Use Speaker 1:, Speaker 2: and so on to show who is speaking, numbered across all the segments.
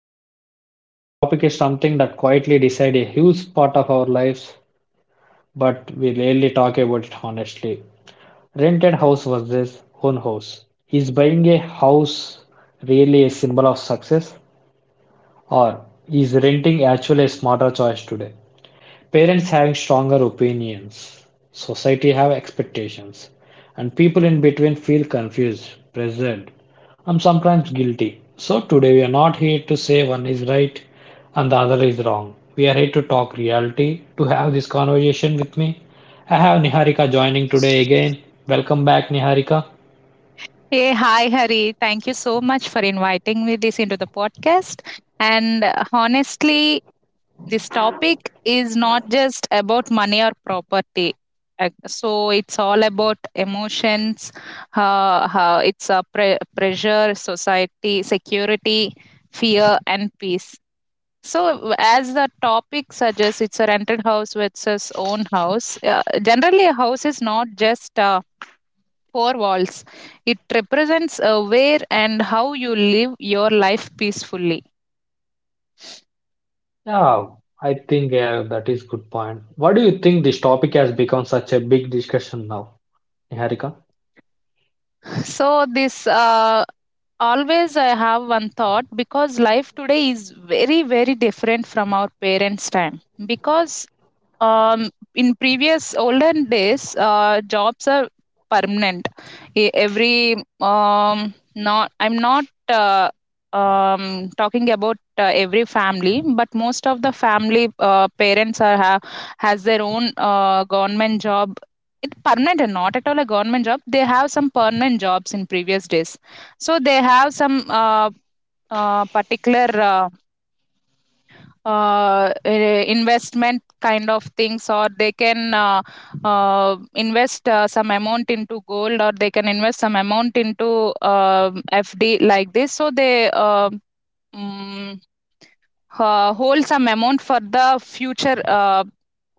Speaker 1: host Hari. Today's topic is something that quietly decides a huge part of our lives, but we rarely talk about it honestly. Rented house versus own house. Is buying a house really a symbol of success, or is renting actually a smarter choice today? Parents having stronger opinions, society have expectations, and people in between feel confused, pressured, and sometimes guilty. So today we are not here to say one is right and the other is wrong. We are here to talk reality. To have this conversation with me, I have Niharika joining today again. Welcome back, Niharika.
Speaker 2: Hey, hi, Hari. Thank you so much for inviting me this into the podcast. And honestly, this topic is not just about money or property. So it's all about emotions. It's a pressure, society, security, fear, and peace. So as the topic suggests, it's a rented house versus own house. Generally, a house is not just. Four walls. It represents where and how you live your life peacefully.
Speaker 1: Yeah, I think yeah, that is good point. What do you think this topic has become such a big discussion now, Niharika?
Speaker 2: So, this Always I have one thought, because life today is very, very different from our parents' time. Because um, in previous olden days jobs are permanent. Every not I'm not uh, talking about every family, but most of the family parents are have has their own government job, it permanent, and not at all a government job, they have some permanent jobs in previous days. So they have some uh, particular investment kind of things, or they can invest some amount into gold, or they can invest some amount into fd, like this. So they hold some amount for the future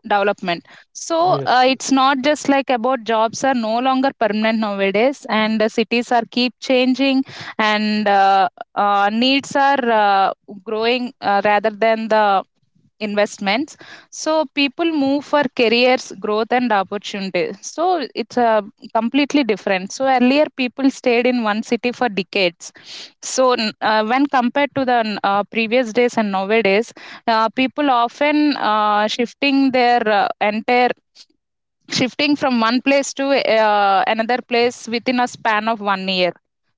Speaker 2: development. So
Speaker 1: Yes,
Speaker 2: it's
Speaker 1: yes.
Speaker 2: not just like about jobs are no longer permanent nowadays, and the cities are keep changing. And needs are growing, rather than the investments. So people move for careers growth and opportunity, so it's a completely different. So earlier people stayed in one city for decades. So when compared to the previous days and nowadays, people often shifting their entire, shifting from one place to another place within a span of one year.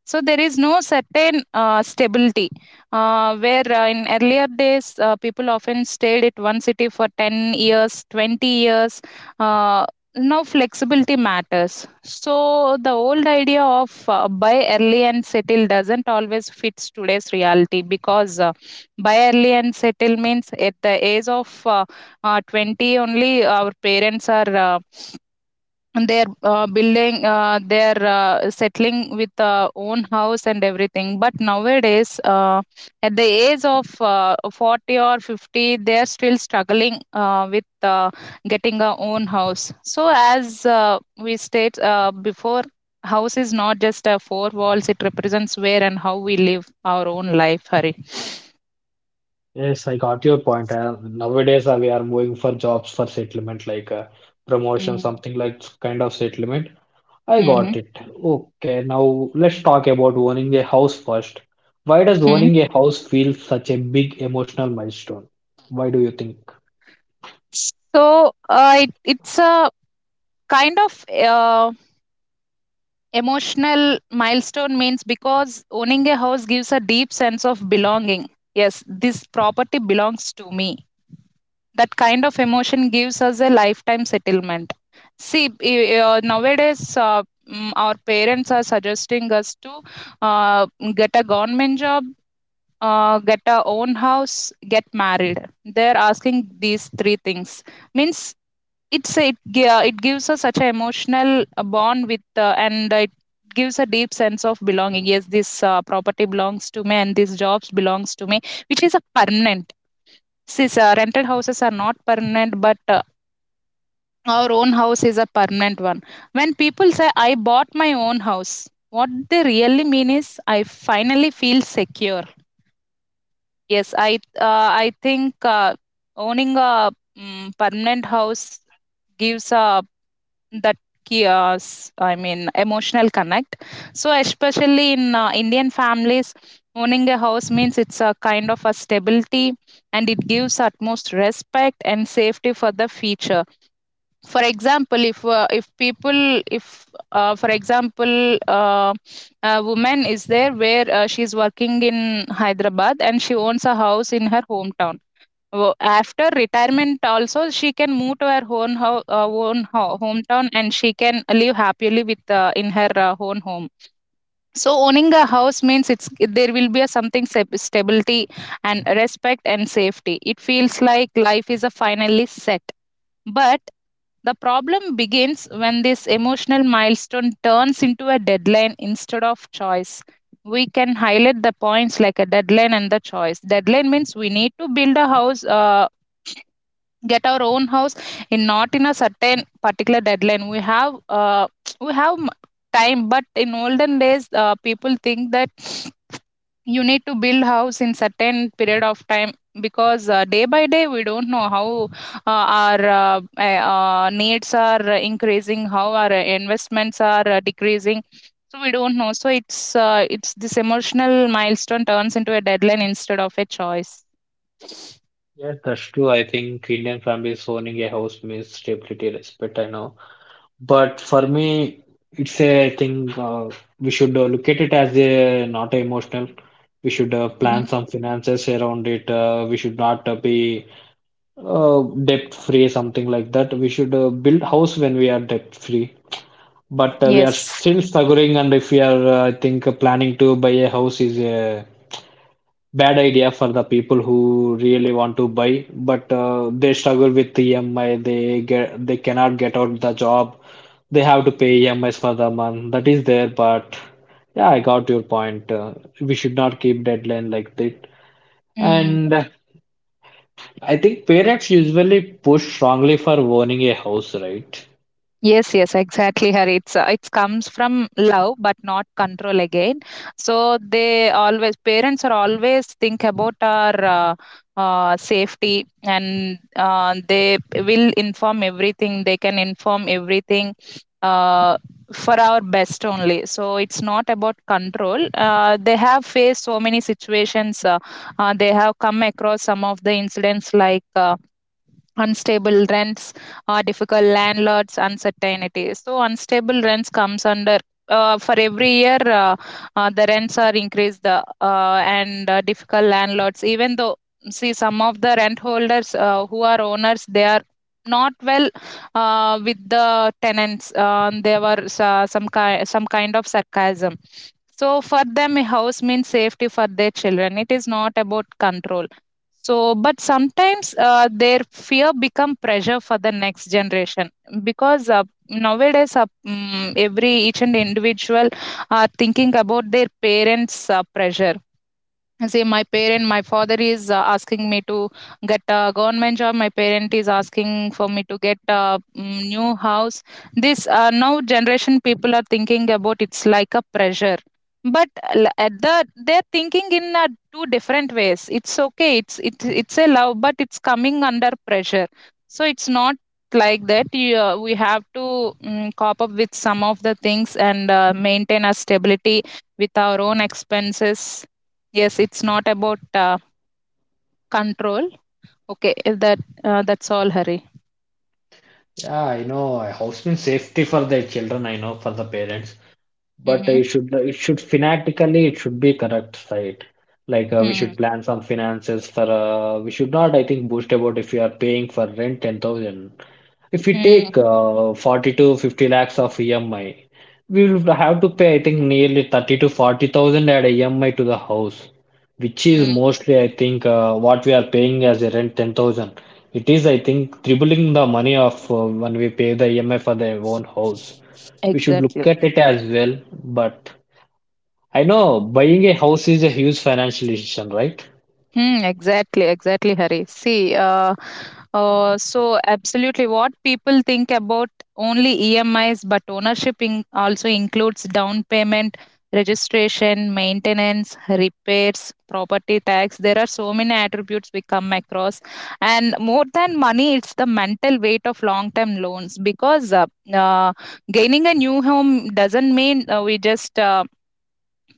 Speaker 2: So there is no certain stability, where in earlier days people often stayed at one city for 10 years, 20 years. Uh, now flexibility matters. So the old idea of buy early and settle doesn't always fits today's reality, because buy early and settle means at the age of 20 only, our parents are and they're building they're settling with own house and everything. But nowadays at the age of 40 or 50, they're still struggling with getting a own house. So as we state before, house is not just four walls, it represents where and how we live our own life, Hari.
Speaker 1: Yes, I got your point. Nowadays, we are moving for jobs for settlement, like promotion,
Speaker 2: Mm-hmm.
Speaker 1: something like kind of settlement. I got it. Okay, now let's talk about owning a house first. Why does
Speaker 2: Hmm,
Speaker 1: owning a house feel such a big emotional milestone? Why do you think?
Speaker 2: so it's a kind of uh, emotional milestone, means, because owning a house gives a deep sense of belonging. Yes, this property belongs to me. That kind of emotion gives us a lifetime settlement. See, nowadays, our parents are suggesting us to uh, get a government job, get a own house, get married. They're asking these three things. Means it gives us such an emotional bond with, and it gives a deep sense of belonging. Yes, this property belongs to me, and this jobs belongs to me, which is a permanent, since rented houses are not permanent, but our own house is a permanent one. When people say I bought my own house, what they really mean is I finally feel secure. Yes, I think owning a permanent house gives a that chaos, I mean, emotional connect. So especially in Indian families, owning a house means it's a kind of a stability, and it gives utmost respect and safety for the future. For example, if people if for example uh, a woman is there where she's working in Hyderabad, and she owns a house in her hometown. Wo After retirement also, she can move to her own hou own ho hometown, and she can live happily with, in her, own home. So owning a house means it's there will be a something stability and respect and safety. It feels like life is a finally set. But the problem begins when this emotional milestone turns into a deadline instead of choice. We can highlight the points like a deadline and the choice. Deadline means we need to build a house. Get our own house in not in a certain particular deadline, we have we have time. But in olden days people think that you need to build house in certain period of time. Because day by day we don't know how our needs are increasing, how our investments are decreasing. So we don't know. So it's this emotional milestone turns into a deadline instead of a choice.
Speaker 1: Yes, that's true. I think Indian families owning a house means stability, respect, I know. But for me, it's a thing we should look at it as a not emotional. We should
Speaker 2: Hmm.
Speaker 1: plan some finances around it. We should not be debt free, something like that. We should build house when we are debt free. But we are
Speaker 2: Yes.
Speaker 1: still struggling, and if we are, I think, planning to buy a house is a bad idea for the people who really want to buy, but they struggle with EMI. They get they cannot get out the job. They have to pay EMIs for the month. That is there, but yeah, I got your point. We should not keep deadline like that.
Speaker 2: Mm.
Speaker 1: And I think parents usually push strongly for owning a house, right?
Speaker 2: Yes, yes, exactly, Hari. It's it comes from love, but not control again. So they always parents are always think about our safety, and they will inform everything. They can inform everything uh, for our best only. So it's not about control. They have faced so many situations. They have come across some of the incidents, like. Unstable rents are difficult landlords uncertainty. So unstable rents comes under for every year the rents are increased, and difficult landlords. Even though, see, some of the rent holders who are owners, they are not well with the tenants. Uh, there were some some kind of sarcasm. So for them, a house means safety for their children, it is not about control. So but sometimes their fear become pressure for the next generation. Because nowadays every each and individual are thinking about their parents pressure. And say my parent my father is asking me to get a government job, my parent is asking for me to get a new house. This now generation people are thinking about it's like a pressure. But at the, they're thinking in two different ways, it's okay, it's a love but it's coming under pressure. So it's not like that you, we have to cop up with some of the things, and maintain our stability with our own expenses. Yes, it's not about, control. Okay, if that, that's all hurry.
Speaker 1: Yeah, I know. A house means safety for their children. I know for the parents, but
Speaker 2: Mhm.
Speaker 1: it should fanatically it should be correct, right? Like we
Speaker 2: Mm.
Speaker 1: should plan some finances for we should not I think boast about if you are paying for rent 10,000. If we
Speaker 2: Mm.
Speaker 1: take 40 to 50 lakhs of EMI, we will have to pay I think nearly 30 to 40,000 at EMI to the house, which is
Speaker 2: Mm.
Speaker 1: mostly I think what we are paying as a rent 10,000. It is I think tripling the money of when we pay the EMI for their own house we should
Speaker 2: Exactly.
Speaker 1: look at it as well. But I know buying a house is a huge financial decision, right?
Speaker 2: Hmm, exactly, exactly, Hari. See, so absolutely what people think about only EMI is, but ownership in also includes down payment, registration, maintenance, repairs, property tax. There are so many attributes we come across. And more than money, it's the mental weight of long term loans. Because uh, gaining a new home doesn't mean we just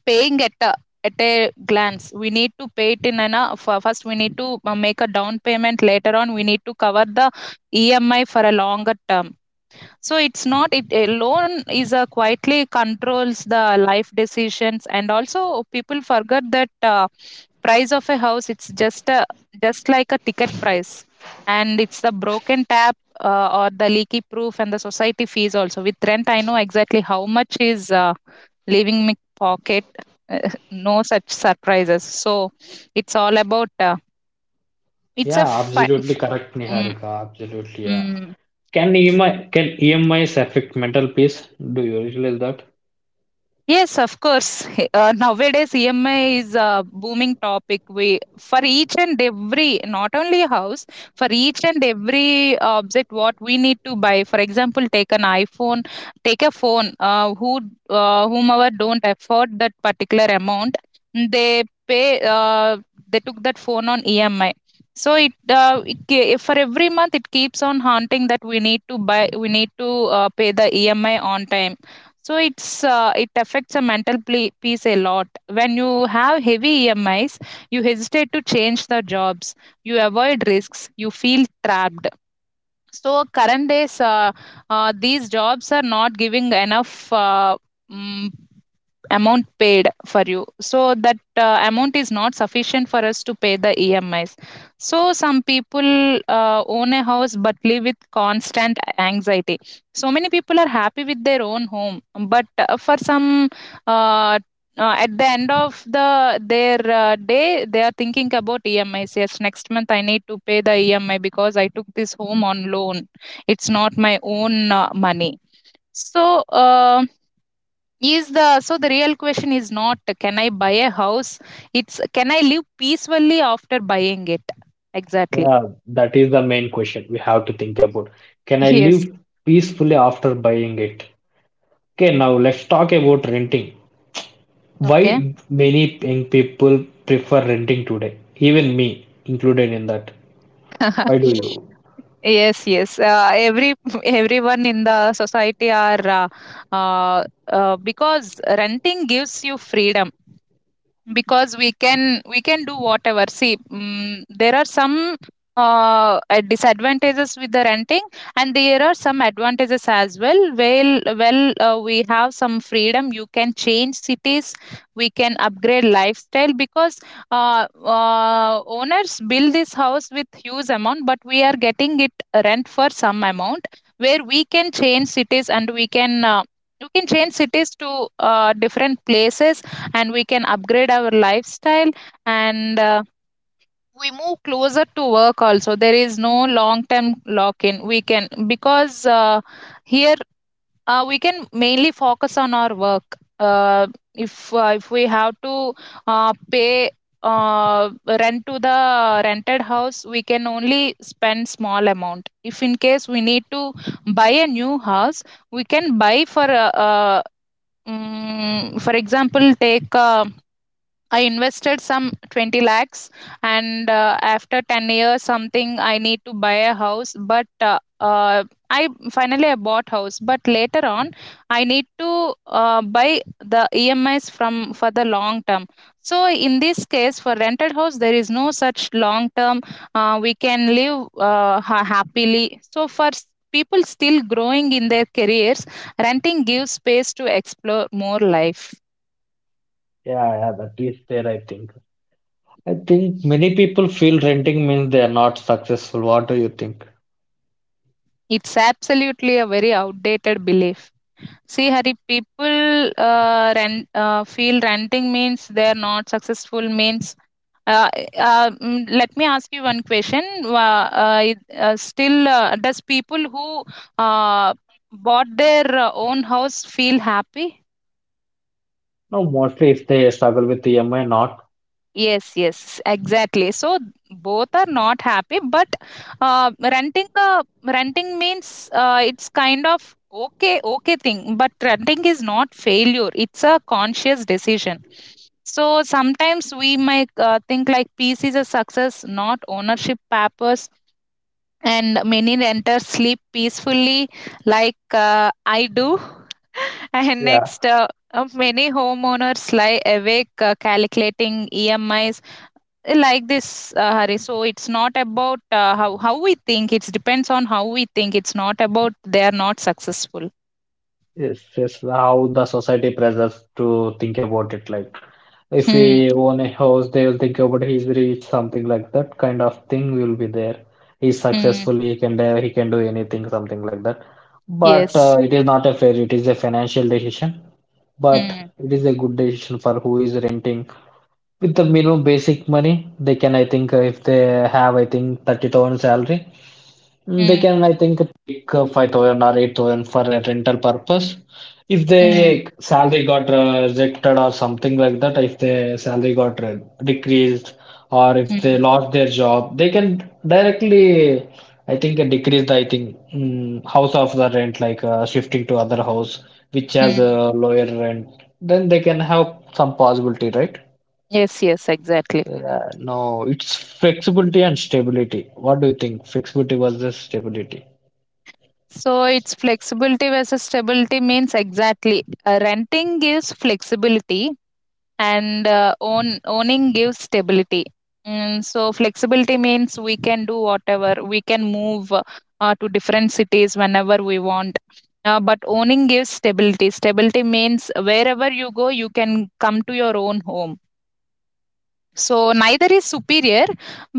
Speaker 2: paying at a glance, we need to pay it in an first we need to make a down payment, later on we need to cover the EMI for a longer term. So it's not, it a loan is a quietly controls the life decisions. And also people forget that price of a house, it's just a, just like a ticket price. And it's the broken tap or the leaky proof and the society fees also, with rent I know exactly how much is leaving me pocket. No such surprises. So it's all about. It's a
Speaker 1: Yeah,
Speaker 2: fi-
Speaker 1: absolutely
Speaker 2: f-
Speaker 1: correct,
Speaker 2: mm,
Speaker 1: Niharika. Absolutely, yeah.
Speaker 2: mm,
Speaker 1: Can EMIs affect mental peace? Do you realize that?
Speaker 2: Yes, of course. He- nowadays, EMI is a booming topic. We, for each and every, not only house, for each and every object what we need to buy. For example, take an iPhone, take a phone. Who whomever don't afford that particular amount, they pay. Uh, they took that phone on EMI. So for every month it keeps on haunting that we need to buy, we need to pay the EMI on time. So it affects the mental peace a lot. When you have heavy EMIs, you hesitate to change the jobs, you avoid risks, you feel trapped. So current days, these jobs are not giving enough mm, amount paid for you. So that amount is not sufficient for us to pay the EMIs. So some people own a house but live with constant anxiety. So many people are happy with their own home, but for some uh, at the end of the their day, they are thinking about EMIs. Yes, next month I need to pay the EMI, because I took this home on loan, it's not my own money. So uh, is the so the real question is not, can I buy a house, it's can I live peacefully after buying it. Exactly.
Speaker 1: Yeah, that is the main question we have to think about. Can I
Speaker 2: Yes.
Speaker 1: live peacefully after buying it? Okay, now let's talk about renting.
Speaker 2: Okay.
Speaker 1: Why many young people prefer renting today? Even me included in that. Why do you?
Speaker 2: Yes, yes. Every everyone in the society are uh, uh, because renting gives you freedom, because we can do whatever. See, mm, there are some disadvantages with the renting, and there are some advantages as well. We have some freedom, you can change cities, we can upgrade lifestyle because owners build this house with huge amount, but we are getting it rent for some amount, where we can change cities and we can you can change cities to different places, and we can upgrade our lifestyle, and we move closer to work also. There is no long term lock in, we can, because here, we can mainly focus on our work. If if we have to pay uh, rent to the rented house, we can only spend small amount. If in case we need to buy a new house, we can buy for a, for example, take a, I invested some 20 lakhs, and after 10 years, something, I need to buy a house. But I finally I bought house, but later on, I need to buy the EMIs from for the long term. So in this case, for rented house, there is no such long term. We can live happily. People still growing in their careers, renting gives space to explore more life.
Speaker 1: Yeah, yeah, that is there, I think. I think many people feel renting means they are not successful. What do you think?
Speaker 2: It's absolutely a very outdated belief. See, Hari, people feel renting means they're not successful means. Uh, Let me ask you one question. Still, does people who uh, bought their own house feel happy?
Speaker 1: No, mostly if they struggle with EMI, not.
Speaker 2: Yes, yes, exactly. So both are not happy, but renting means it's kind of okay thing. But renting is not failure; it's a conscious decision. So sometimes we might think like peace is a success, not ownership purpose. And many renters sleep peacefully, like I do. And
Speaker 1: Yeah,
Speaker 2: next, many homeowners lie awake calculating EMIs like this, Hari. So it's not about how we think, it depends on how we think, it's not about they are not successful.
Speaker 1: yes, yes. How the society pressures to think about it. Like, if
Speaker 2: Hmm,
Speaker 1: we own a house, they will think about he's rich, something like that kind of thing will be there. He's
Speaker 2: hmm,
Speaker 1: successful, he can do anything, something like that. But
Speaker 2: yes,
Speaker 1: it is not a fair. It is a financial decision, but
Speaker 2: hmm,
Speaker 1: it is a good decision for who is renting with the minimum basic money, they can, I think, if they have, I think, 30,000 salary, they
Speaker 2: hmm,
Speaker 1: can, I think, pick 5,000 or 8,000 for a rental purpose. If
Speaker 2: hmm,
Speaker 1: they salary got rejected or something like that, if their salary got decreased or if they
Speaker 2: hmm,
Speaker 1: lost their job, they can directly, I think, decrease the, I think, house of the rent, like shifting to other house, which has
Speaker 2: hmm.
Speaker 1: a lower rent. Then they can have some possibility, right?
Speaker 2: Yes, yes, exactly.
Speaker 1: Yeah, no, it's flexibility and stability. What do you think? Flexibility versus stability.
Speaker 2: So it's flexibility versus stability means exactly. Renting gives flexibility, and owning gives stability. So flexibility means we can do whatever, we can move to different cities whenever we want. But owning gives stability, stability means wherever you go, you can come to your own home. So
Speaker 1: Yes.
Speaker 2: neither is superior,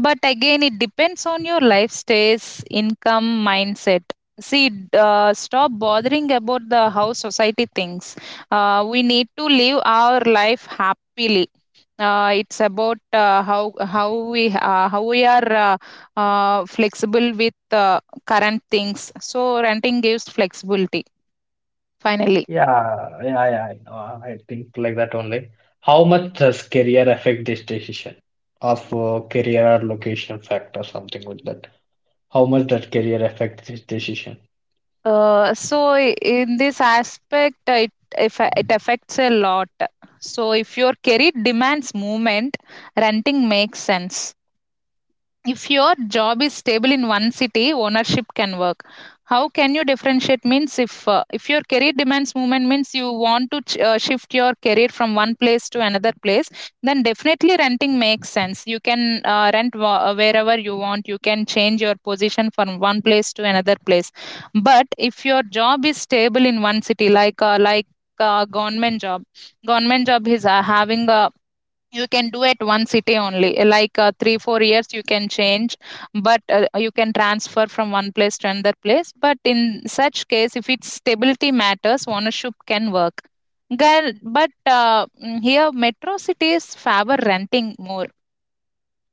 Speaker 2: but again it depends on your life stage, income, mindset. Stop bothering about the how society thinks. We need to live our life happily. It's about how we how we are flexible with current things. So renting gives flexibility finally.
Speaker 1: Yeah, yeah, yeah. I know. I think like that only. How much does career affect this decision of career or location factor, something like that? How much does career affect this decision?
Speaker 2: In this aspect, it if it affects a lot. So if your career demands movement, renting makes sense. If your job is stable in one city, ownership can work. How can you differentiate? Means if your career demands movement, means you want to shift your career from one place to another place, then definitely renting makes sense. You can wherever you want. You can change your position from one place to another place. But if your job is stable in one city, like uh, government job, government job is having a, you can do at one city only. Like three, 4 years, you can change, but you can transfer from one place to another place. But in such case, if it's stability matters, ownership can work. Girl, but here metro cities favor renting more.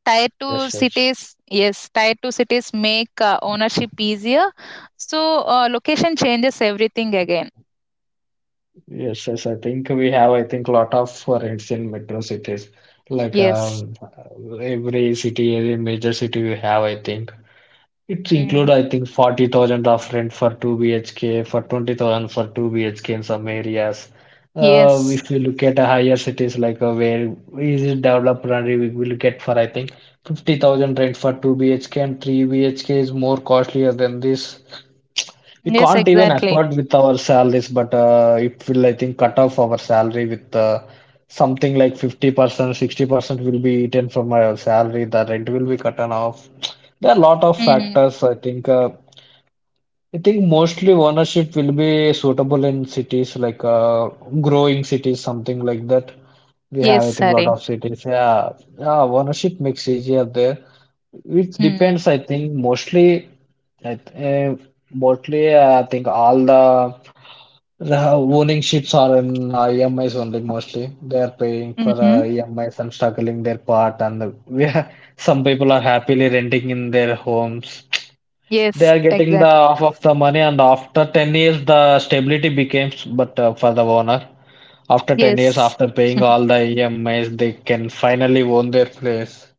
Speaker 2: Tier two
Speaker 1: Yes, yes,
Speaker 2: cities, yes, tier two cities make ownership easier. So location changes everything again.
Speaker 1: yes, yes. I think we have. I think lot of for instance metro cities like
Speaker 2: Yes.
Speaker 1: every city, every major city we have. I think. It's
Speaker 2: Mm.
Speaker 1: include, I think, 40,000 of rent for 2 BHK, for 20,000 for 2 BHK in some areas.
Speaker 2: Yes.
Speaker 1: If you look at a higher cities like where is it developed, and we will get for, I think, 50,000 rent for 2 BHK and 3 BHK is more costlier than this. We
Speaker 2: Yes,
Speaker 1: can't even
Speaker 2: exactly.
Speaker 1: afford with our salaries, but it will, I think, cut off our salary with something like 50%, 60% will be eaten from our salary. The rent will be cut on off. There are a lot of
Speaker 2: Mm.
Speaker 1: factors, I think. I think mostly ownership will be suitable in cities like growing cities, something like that. We have,
Speaker 2: Yes,
Speaker 1: I think, a lot
Speaker 2: sorry.
Speaker 1: of cities. Yeah, yeah, ownership makes easier there. It depends, I think, mostly. I th- uh, Mostly, I think all the owning ships are in EMIs only mostly. They are paying for
Speaker 2: Mm-hmm.
Speaker 1: EMIs and struggling their part, and we are, some people are happily renting in their homes. They
Speaker 2: Yes,
Speaker 1: are getting the
Speaker 2: exactly.
Speaker 1: half of the money, and after 10 years, the stability becomes but for the owner. After 10 years,
Speaker 2: Yes.
Speaker 1: after paying all the EMIs, they can finally own their place.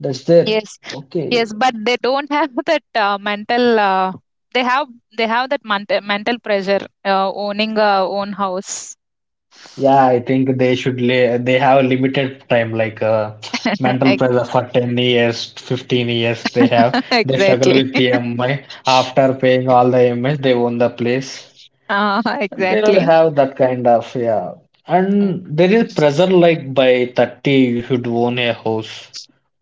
Speaker 1: That's there.
Speaker 2: Yes.
Speaker 1: Okay.
Speaker 2: Yes, but they don't have that mental, they have they have that mental pressure owning a own house.
Speaker 1: Yeah, I think they should lay, they have a limited time, like mental
Speaker 2: Ex-
Speaker 1: pressure for 10 years, 15 years they have. They struggle
Speaker 2: exactly.
Speaker 1: with the EMI. After paying all the EMIs, they own the place. They'll
Speaker 2: Exactly.
Speaker 1: have that kind of, yeah.
Speaker 2: Mm.
Speaker 1: And there is pressure like by 30 you should own a house.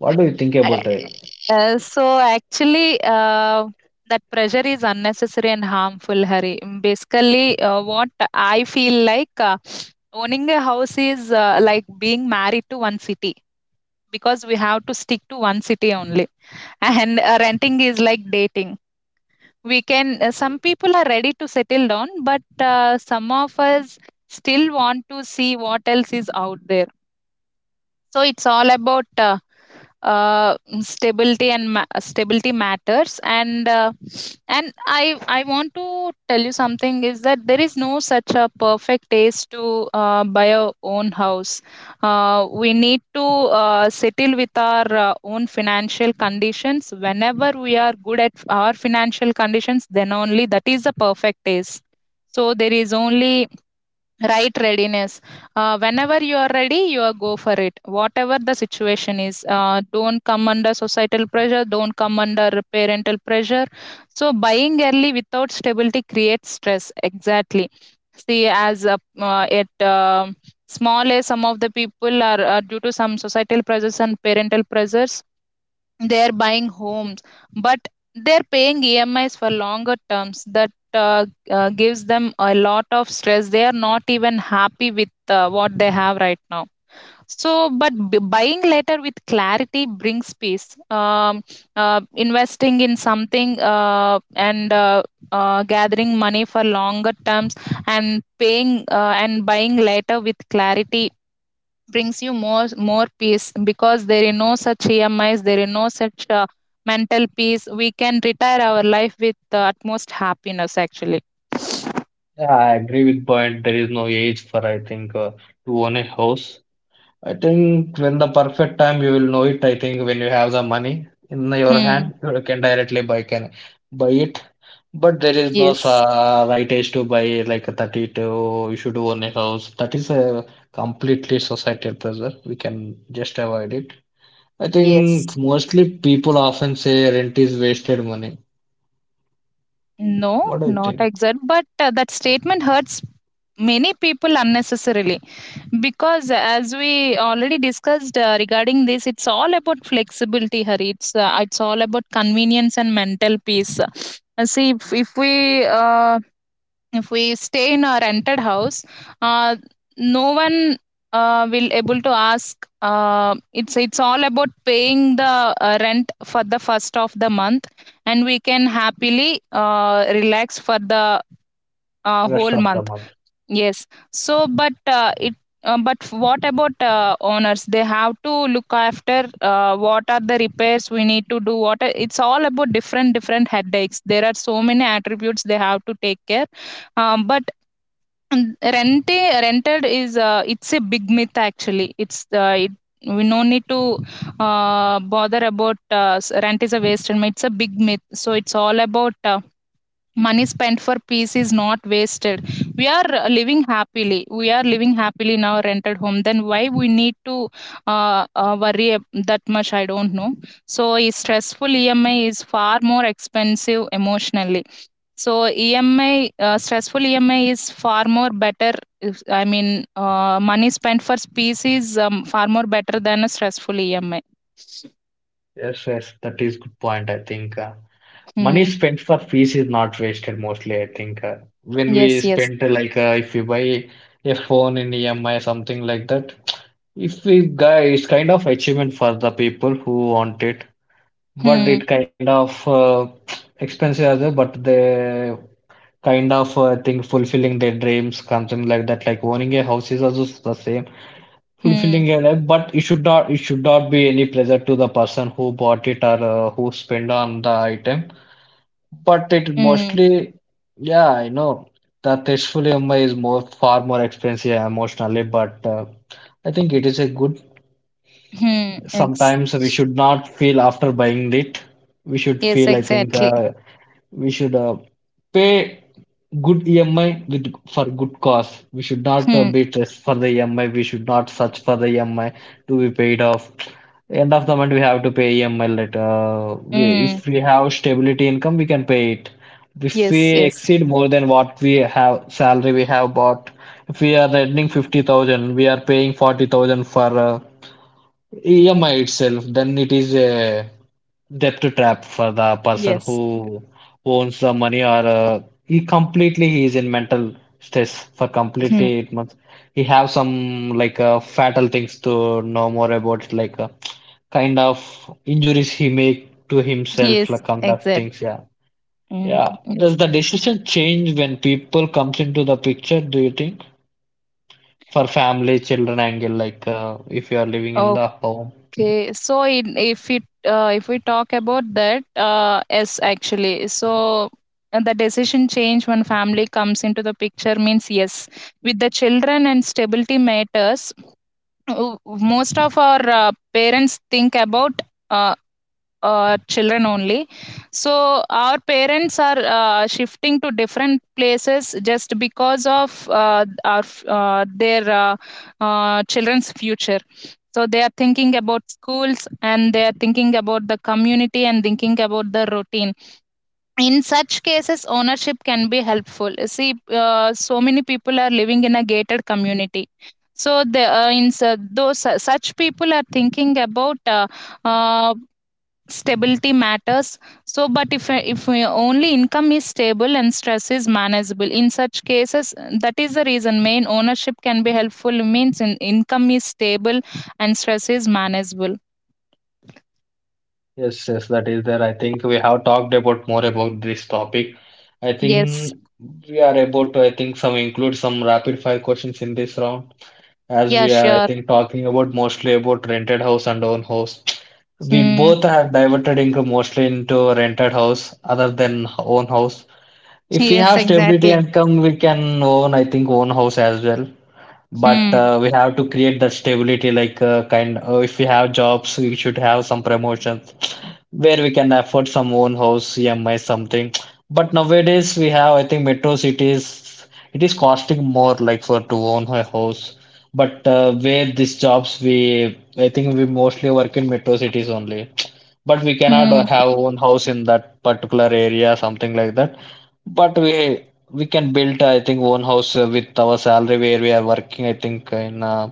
Speaker 1: What do you think about it?
Speaker 2: So actually, that pressure is unnecessary and harmful, Hari. Mm, basically, what I feel like, owning a house is like being married to one city, because we have to stick to one city only, and renting is like dating. We can, some people are ready to settle down, but some of us still want to see what else is out there. So it's all about stability matters. And I want to tell you something is that there is no such a perfect taste to buy our own house. We need to settle with our own financial conditions. Whenever we are good at our financial conditions, then only that is the perfect taste. So there is only right readiness. Whenever you are ready, you are go for it. Whatever the situation is, don't come under societal pressure. Don't come under parental pressure. So buying early without stability creates stress. Exactly. See, as a, it small as Some of the people are due to some societal pressures and parental pressures, they're buying homes, but they're paying EMIs for longer terms, that gives them a lot of stress. They are not even happy with what they have right now. Buying later with clarity brings peace. Investing in something and gathering money for longer terms, and paying and buying later with clarity brings you more peace, because there is no such EMIs, there is no such mental peace, we can retire our life with the utmost happiness actually.
Speaker 1: Yeah, I agree with point. There is no age for, I think, to own a house. I think when the perfect time you will know it, I think when you have the money in your
Speaker 2: Hmm.
Speaker 1: hand, you can directly buy it. But there is no
Speaker 2: Yes,
Speaker 1: right age to buy like a 32, you should own a house. That is a completely societal pressure. We can just avoid it. I think
Speaker 2: yes.
Speaker 1: mostly people often say rent is wasted money.
Speaker 2: No.
Speaker 1: What do you
Speaker 2: Not
Speaker 1: think?
Speaker 2: exact, but that statement hurts many people unnecessarily, because as we already discussed regarding this, it's all about flexibility, Hari. It's all about convenience and mental peace. See If we, uh, if we stay in a rented house, uh, no one will able to ask. It's all about paying the rent for the first of the month, and we can happily relax for the whole
Speaker 1: Rest of the
Speaker 2: month.
Speaker 1: month.
Speaker 2: Yes. So but it but what about owners? They have to look after what are the repairs we need to do, what are, it's all about different headaches. There are so many attributes they have to take care. But and rente rented is it's a big myth actually. We no need to bother about rent is a wasted myth. It's a big myth. So it's all about money spent for peace is not wasted. We are living happily. We are living happily in our rented home. Then why we need to worry that much? I don't know. So a stressful EMI is far more expensive emotionally. So EMI, stressful EMI is far more better. If, I mean, Money spent for peace is far more better than a stressful EMI.
Speaker 1: Yes, yes, that is good point. I think money
Speaker 2: Hmm.
Speaker 1: spent for fees is not wasted mostly. I think when
Speaker 2: Yes,
Speaker 1: we
Speaker 2: yes.
Speaker 1: spend like if we buy a phone in EMI something like that, if we guy it's kind of achievement for the people who want it. But
Speaker 2: Hmm.
Speaker 1: it kind of expensive as well but they kind of think fulfilling their dreams something like that like owning a house is also the same
Speaker 2: Hmm.
Speaker 1: fulfilling a life but it should not be any pleasure to the person who bought it or who spent on the item but it
Speaker 2: Hmm.
Speaker 1: mostly yeah I know that tasteful EMI is more far more expensive emotionally but I think it is a good
Speaker 2: Hmm. Ex-
Speaker 1: sometimes we should not feel after buying it. We should
Speaker 2: yes,
Speaker 1: feel, I think,
Speaker 2: exactly.
Speaker 1: we should pay good EMI with for good cause. We should not
Speaker 2: Hmm.
Speaker 1: be stressed for the EMI. We should not search for the EMI to be paid off. End of the month, we have to pay EMI later. We,
Speaker 2: Hmm.
Speaker 1: if we have stability income, we can pay it. If we
Speaker 2: Yes, yes.
Speaker 1: exceed more than what we have salary we have bought, if we are earning 50,000, we are paying 40,000 for EMI itself, then it is a debt trap for the person
Speaker 2: Yes.
Speaker 1: who owns the money or he completely he is in mental stress for completely
Speaker 2: Hmm.
Speaker 1: 8 months. He have some like fatal things to know more about like kind of injuries he make to himself
Speaker 2: Yes,
Speaker 1: like on that
Speaker 2: exactly.
Speaker 1: things. Yeah, yeah.
Speaker 2: Hmm. Yes.
Speaker 1: Does the decision change when people comes into the picture? Do you think for family, children angle like if you are living in
Speaker 2: Oh.
Speaker 1: the home?
Speaker 2: Okay, so in, if we talk about that, yes, actually. So the decision change when family comes into the picture means yes, with the children and stability matters. Most of our parents think about. Uh, Children only. So our parents are shifting to different places just because of our f- their children's future. So they are thinking about schools, and they are thinking about the community, and thinking about the routine. In such cases, ownership can be helpful. See, so many people are living in a gated community. So the in su- those su- Such people are thinking about uh, stability matters. So but if Only income is stable and stress is manageable in such cases. That is the reason main ownership can be helpful means in income is stable and stress is manageable.
Speaker 1: Yes, yes, that is there. I think we have talked about more about this topic. I
Speaker 2: Yes.
Speaker 1: think we are about to, I think, some include some rapid fire questions in this round. As
Speaker 2: Yeah,
Speaker 1: we are, I
Speaker 2: sure.
Speaker 1: think, talking about mostly about rented house and own house. We
Speaker 2: Hmm.
Speaker 1: both have diverted into mostly into rented house other than own house. If we
Speaker 2: Yes,
Speaker 1: have stability
Speaker 2: exactly.
Speaker 1: income, we can own, I think, own house as well. But
Speaker 2: Hmm.
Speaker 1: we have to create that stability, like kind. If we have jobs, we should have some promotions where we can afford some own house, EMI, something. But nowadays we have, I think, metro cities, it is costing more like for to own a house. But where these jobs, we, I think we mostly work in metro cities only. But we cannot
Speaker 2: Hmm.
Speaker 1: have own house in that particular area, something like that. But we can build, I think, own house with our salary where we are working, I think, in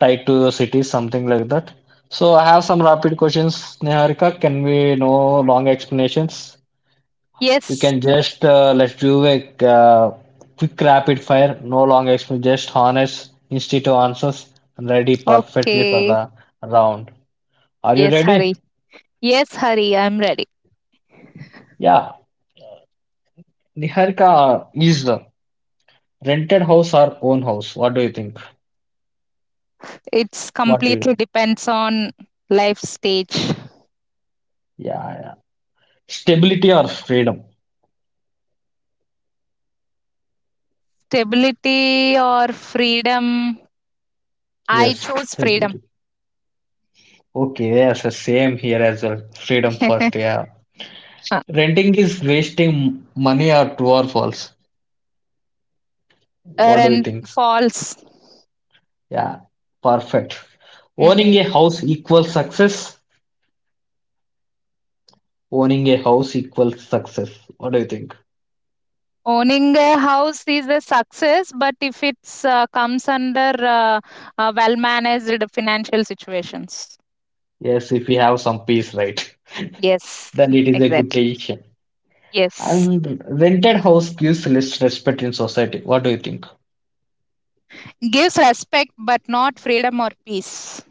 Speaker 1: tied to the city, something like that. So I have some rapid questions, Niharika. Can we no long explanations? You
Speaker 2: Yes.
Speaker 1: can just let's do a quick rapid fire, no long explanation, just honest, instead answers, and ready perfectly for
Speaker 2: Okay.
Speaker 1: the round. Are you
Speaker 2: Yes, Hari.
Speaker 1: ready?
Speaker 2: Yes, Hari, I'm ready.
Speaker 1: Yeah. Niharika is the rented house or own house? What do you think?
Speaker 2: It's
Speaker 1: What do you?
Speaker 2: completely depends on life stage.
Speaker 1: Yeah, yeah. Stability or freedom?
Speaker 2: Stability or freedom, I
Speaker 1: Yes,
Speaker 2: chose freedom.
Speaker 1: stability. Okay, yes, same here as well. Freedom first, yeah. Renting is wasting money at true or false? What do you
Speaker 2: And
Speaker 1: think?
Speaker 2: false.
Speaker 1: Yeah, perfect. Owning a
Speaker 2: Mm.
Speaker 1: house equals success. Owning a house equals success. What do you think?
Speaker 2: Owning a house is a success, but if it's comes under well-managed financial situations,
Speaker 1: Yes, if we have some peace, right?
Speaker 2: yes,
Speaker 1: Then it is a good
Speaker 2: exactly,
Speaker 1: decision.
Speaker 2: yes,
Speaker 1: And rented house gives less respect in society. What do you think?
Speaker 2: gives respect, but not freedom or peace.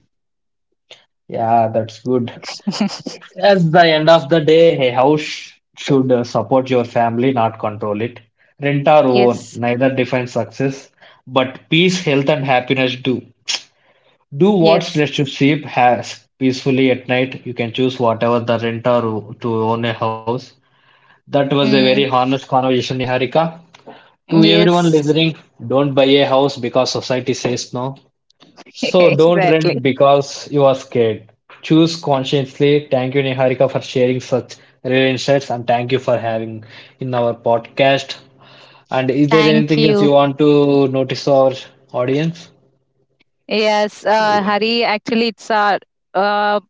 Speaker 1: Yeah, that's good. At the end of the day, a house should support your family, not control it. Rent or own,
Speaker 2: Yes,
Speaker 1: neither defines success, but peace, health, and happiness do. Do what
Speaker 2: yes,
Speaker 1: lets you sleep has peacefully at night. You can choose whatever the rent or to own a house. That was a very
Speaker 2: mm,
Speaker 1: honest conversation, Niharika. To everyone
Speaker 2: yes,
Speaker 1: listening, don't buy a house because society says no. So don't
Speaker 2: exactly.
Speaker 1: rent because you are scared. Choose consciously. Thank you, Niharika, for sharing such real insights, and thank you for having in our podcast. And is there
Speaker 2: Thank
Speaker 1: anything else
Speaker 2: you.
Speaker 1: you want to notice our audience?
Speaker 2: Yes, Hari. Actually, it's a uh,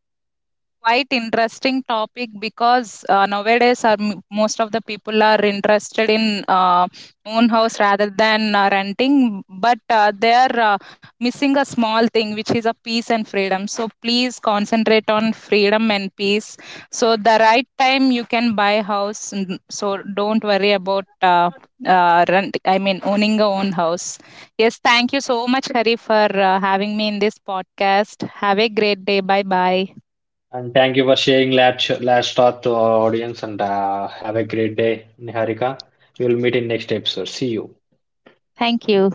Speaker 2: quite interesting topic, because most of the people are interested in own house rather than renting, but they are missing a small thing, which is a peace and freedom. So please concentrate on freedom and peace. So the right time you can buy house. Don't worry about rent, I mean owning a own house. Yes, thank you so much, Hari, for having me in this podcast. Have a great day, bye bye.
Speaker 1: And thank you for sharing last thought to our audience. And have a great day, Niharika. We will meet in next episode. See you.
Speaker 2: Thank you.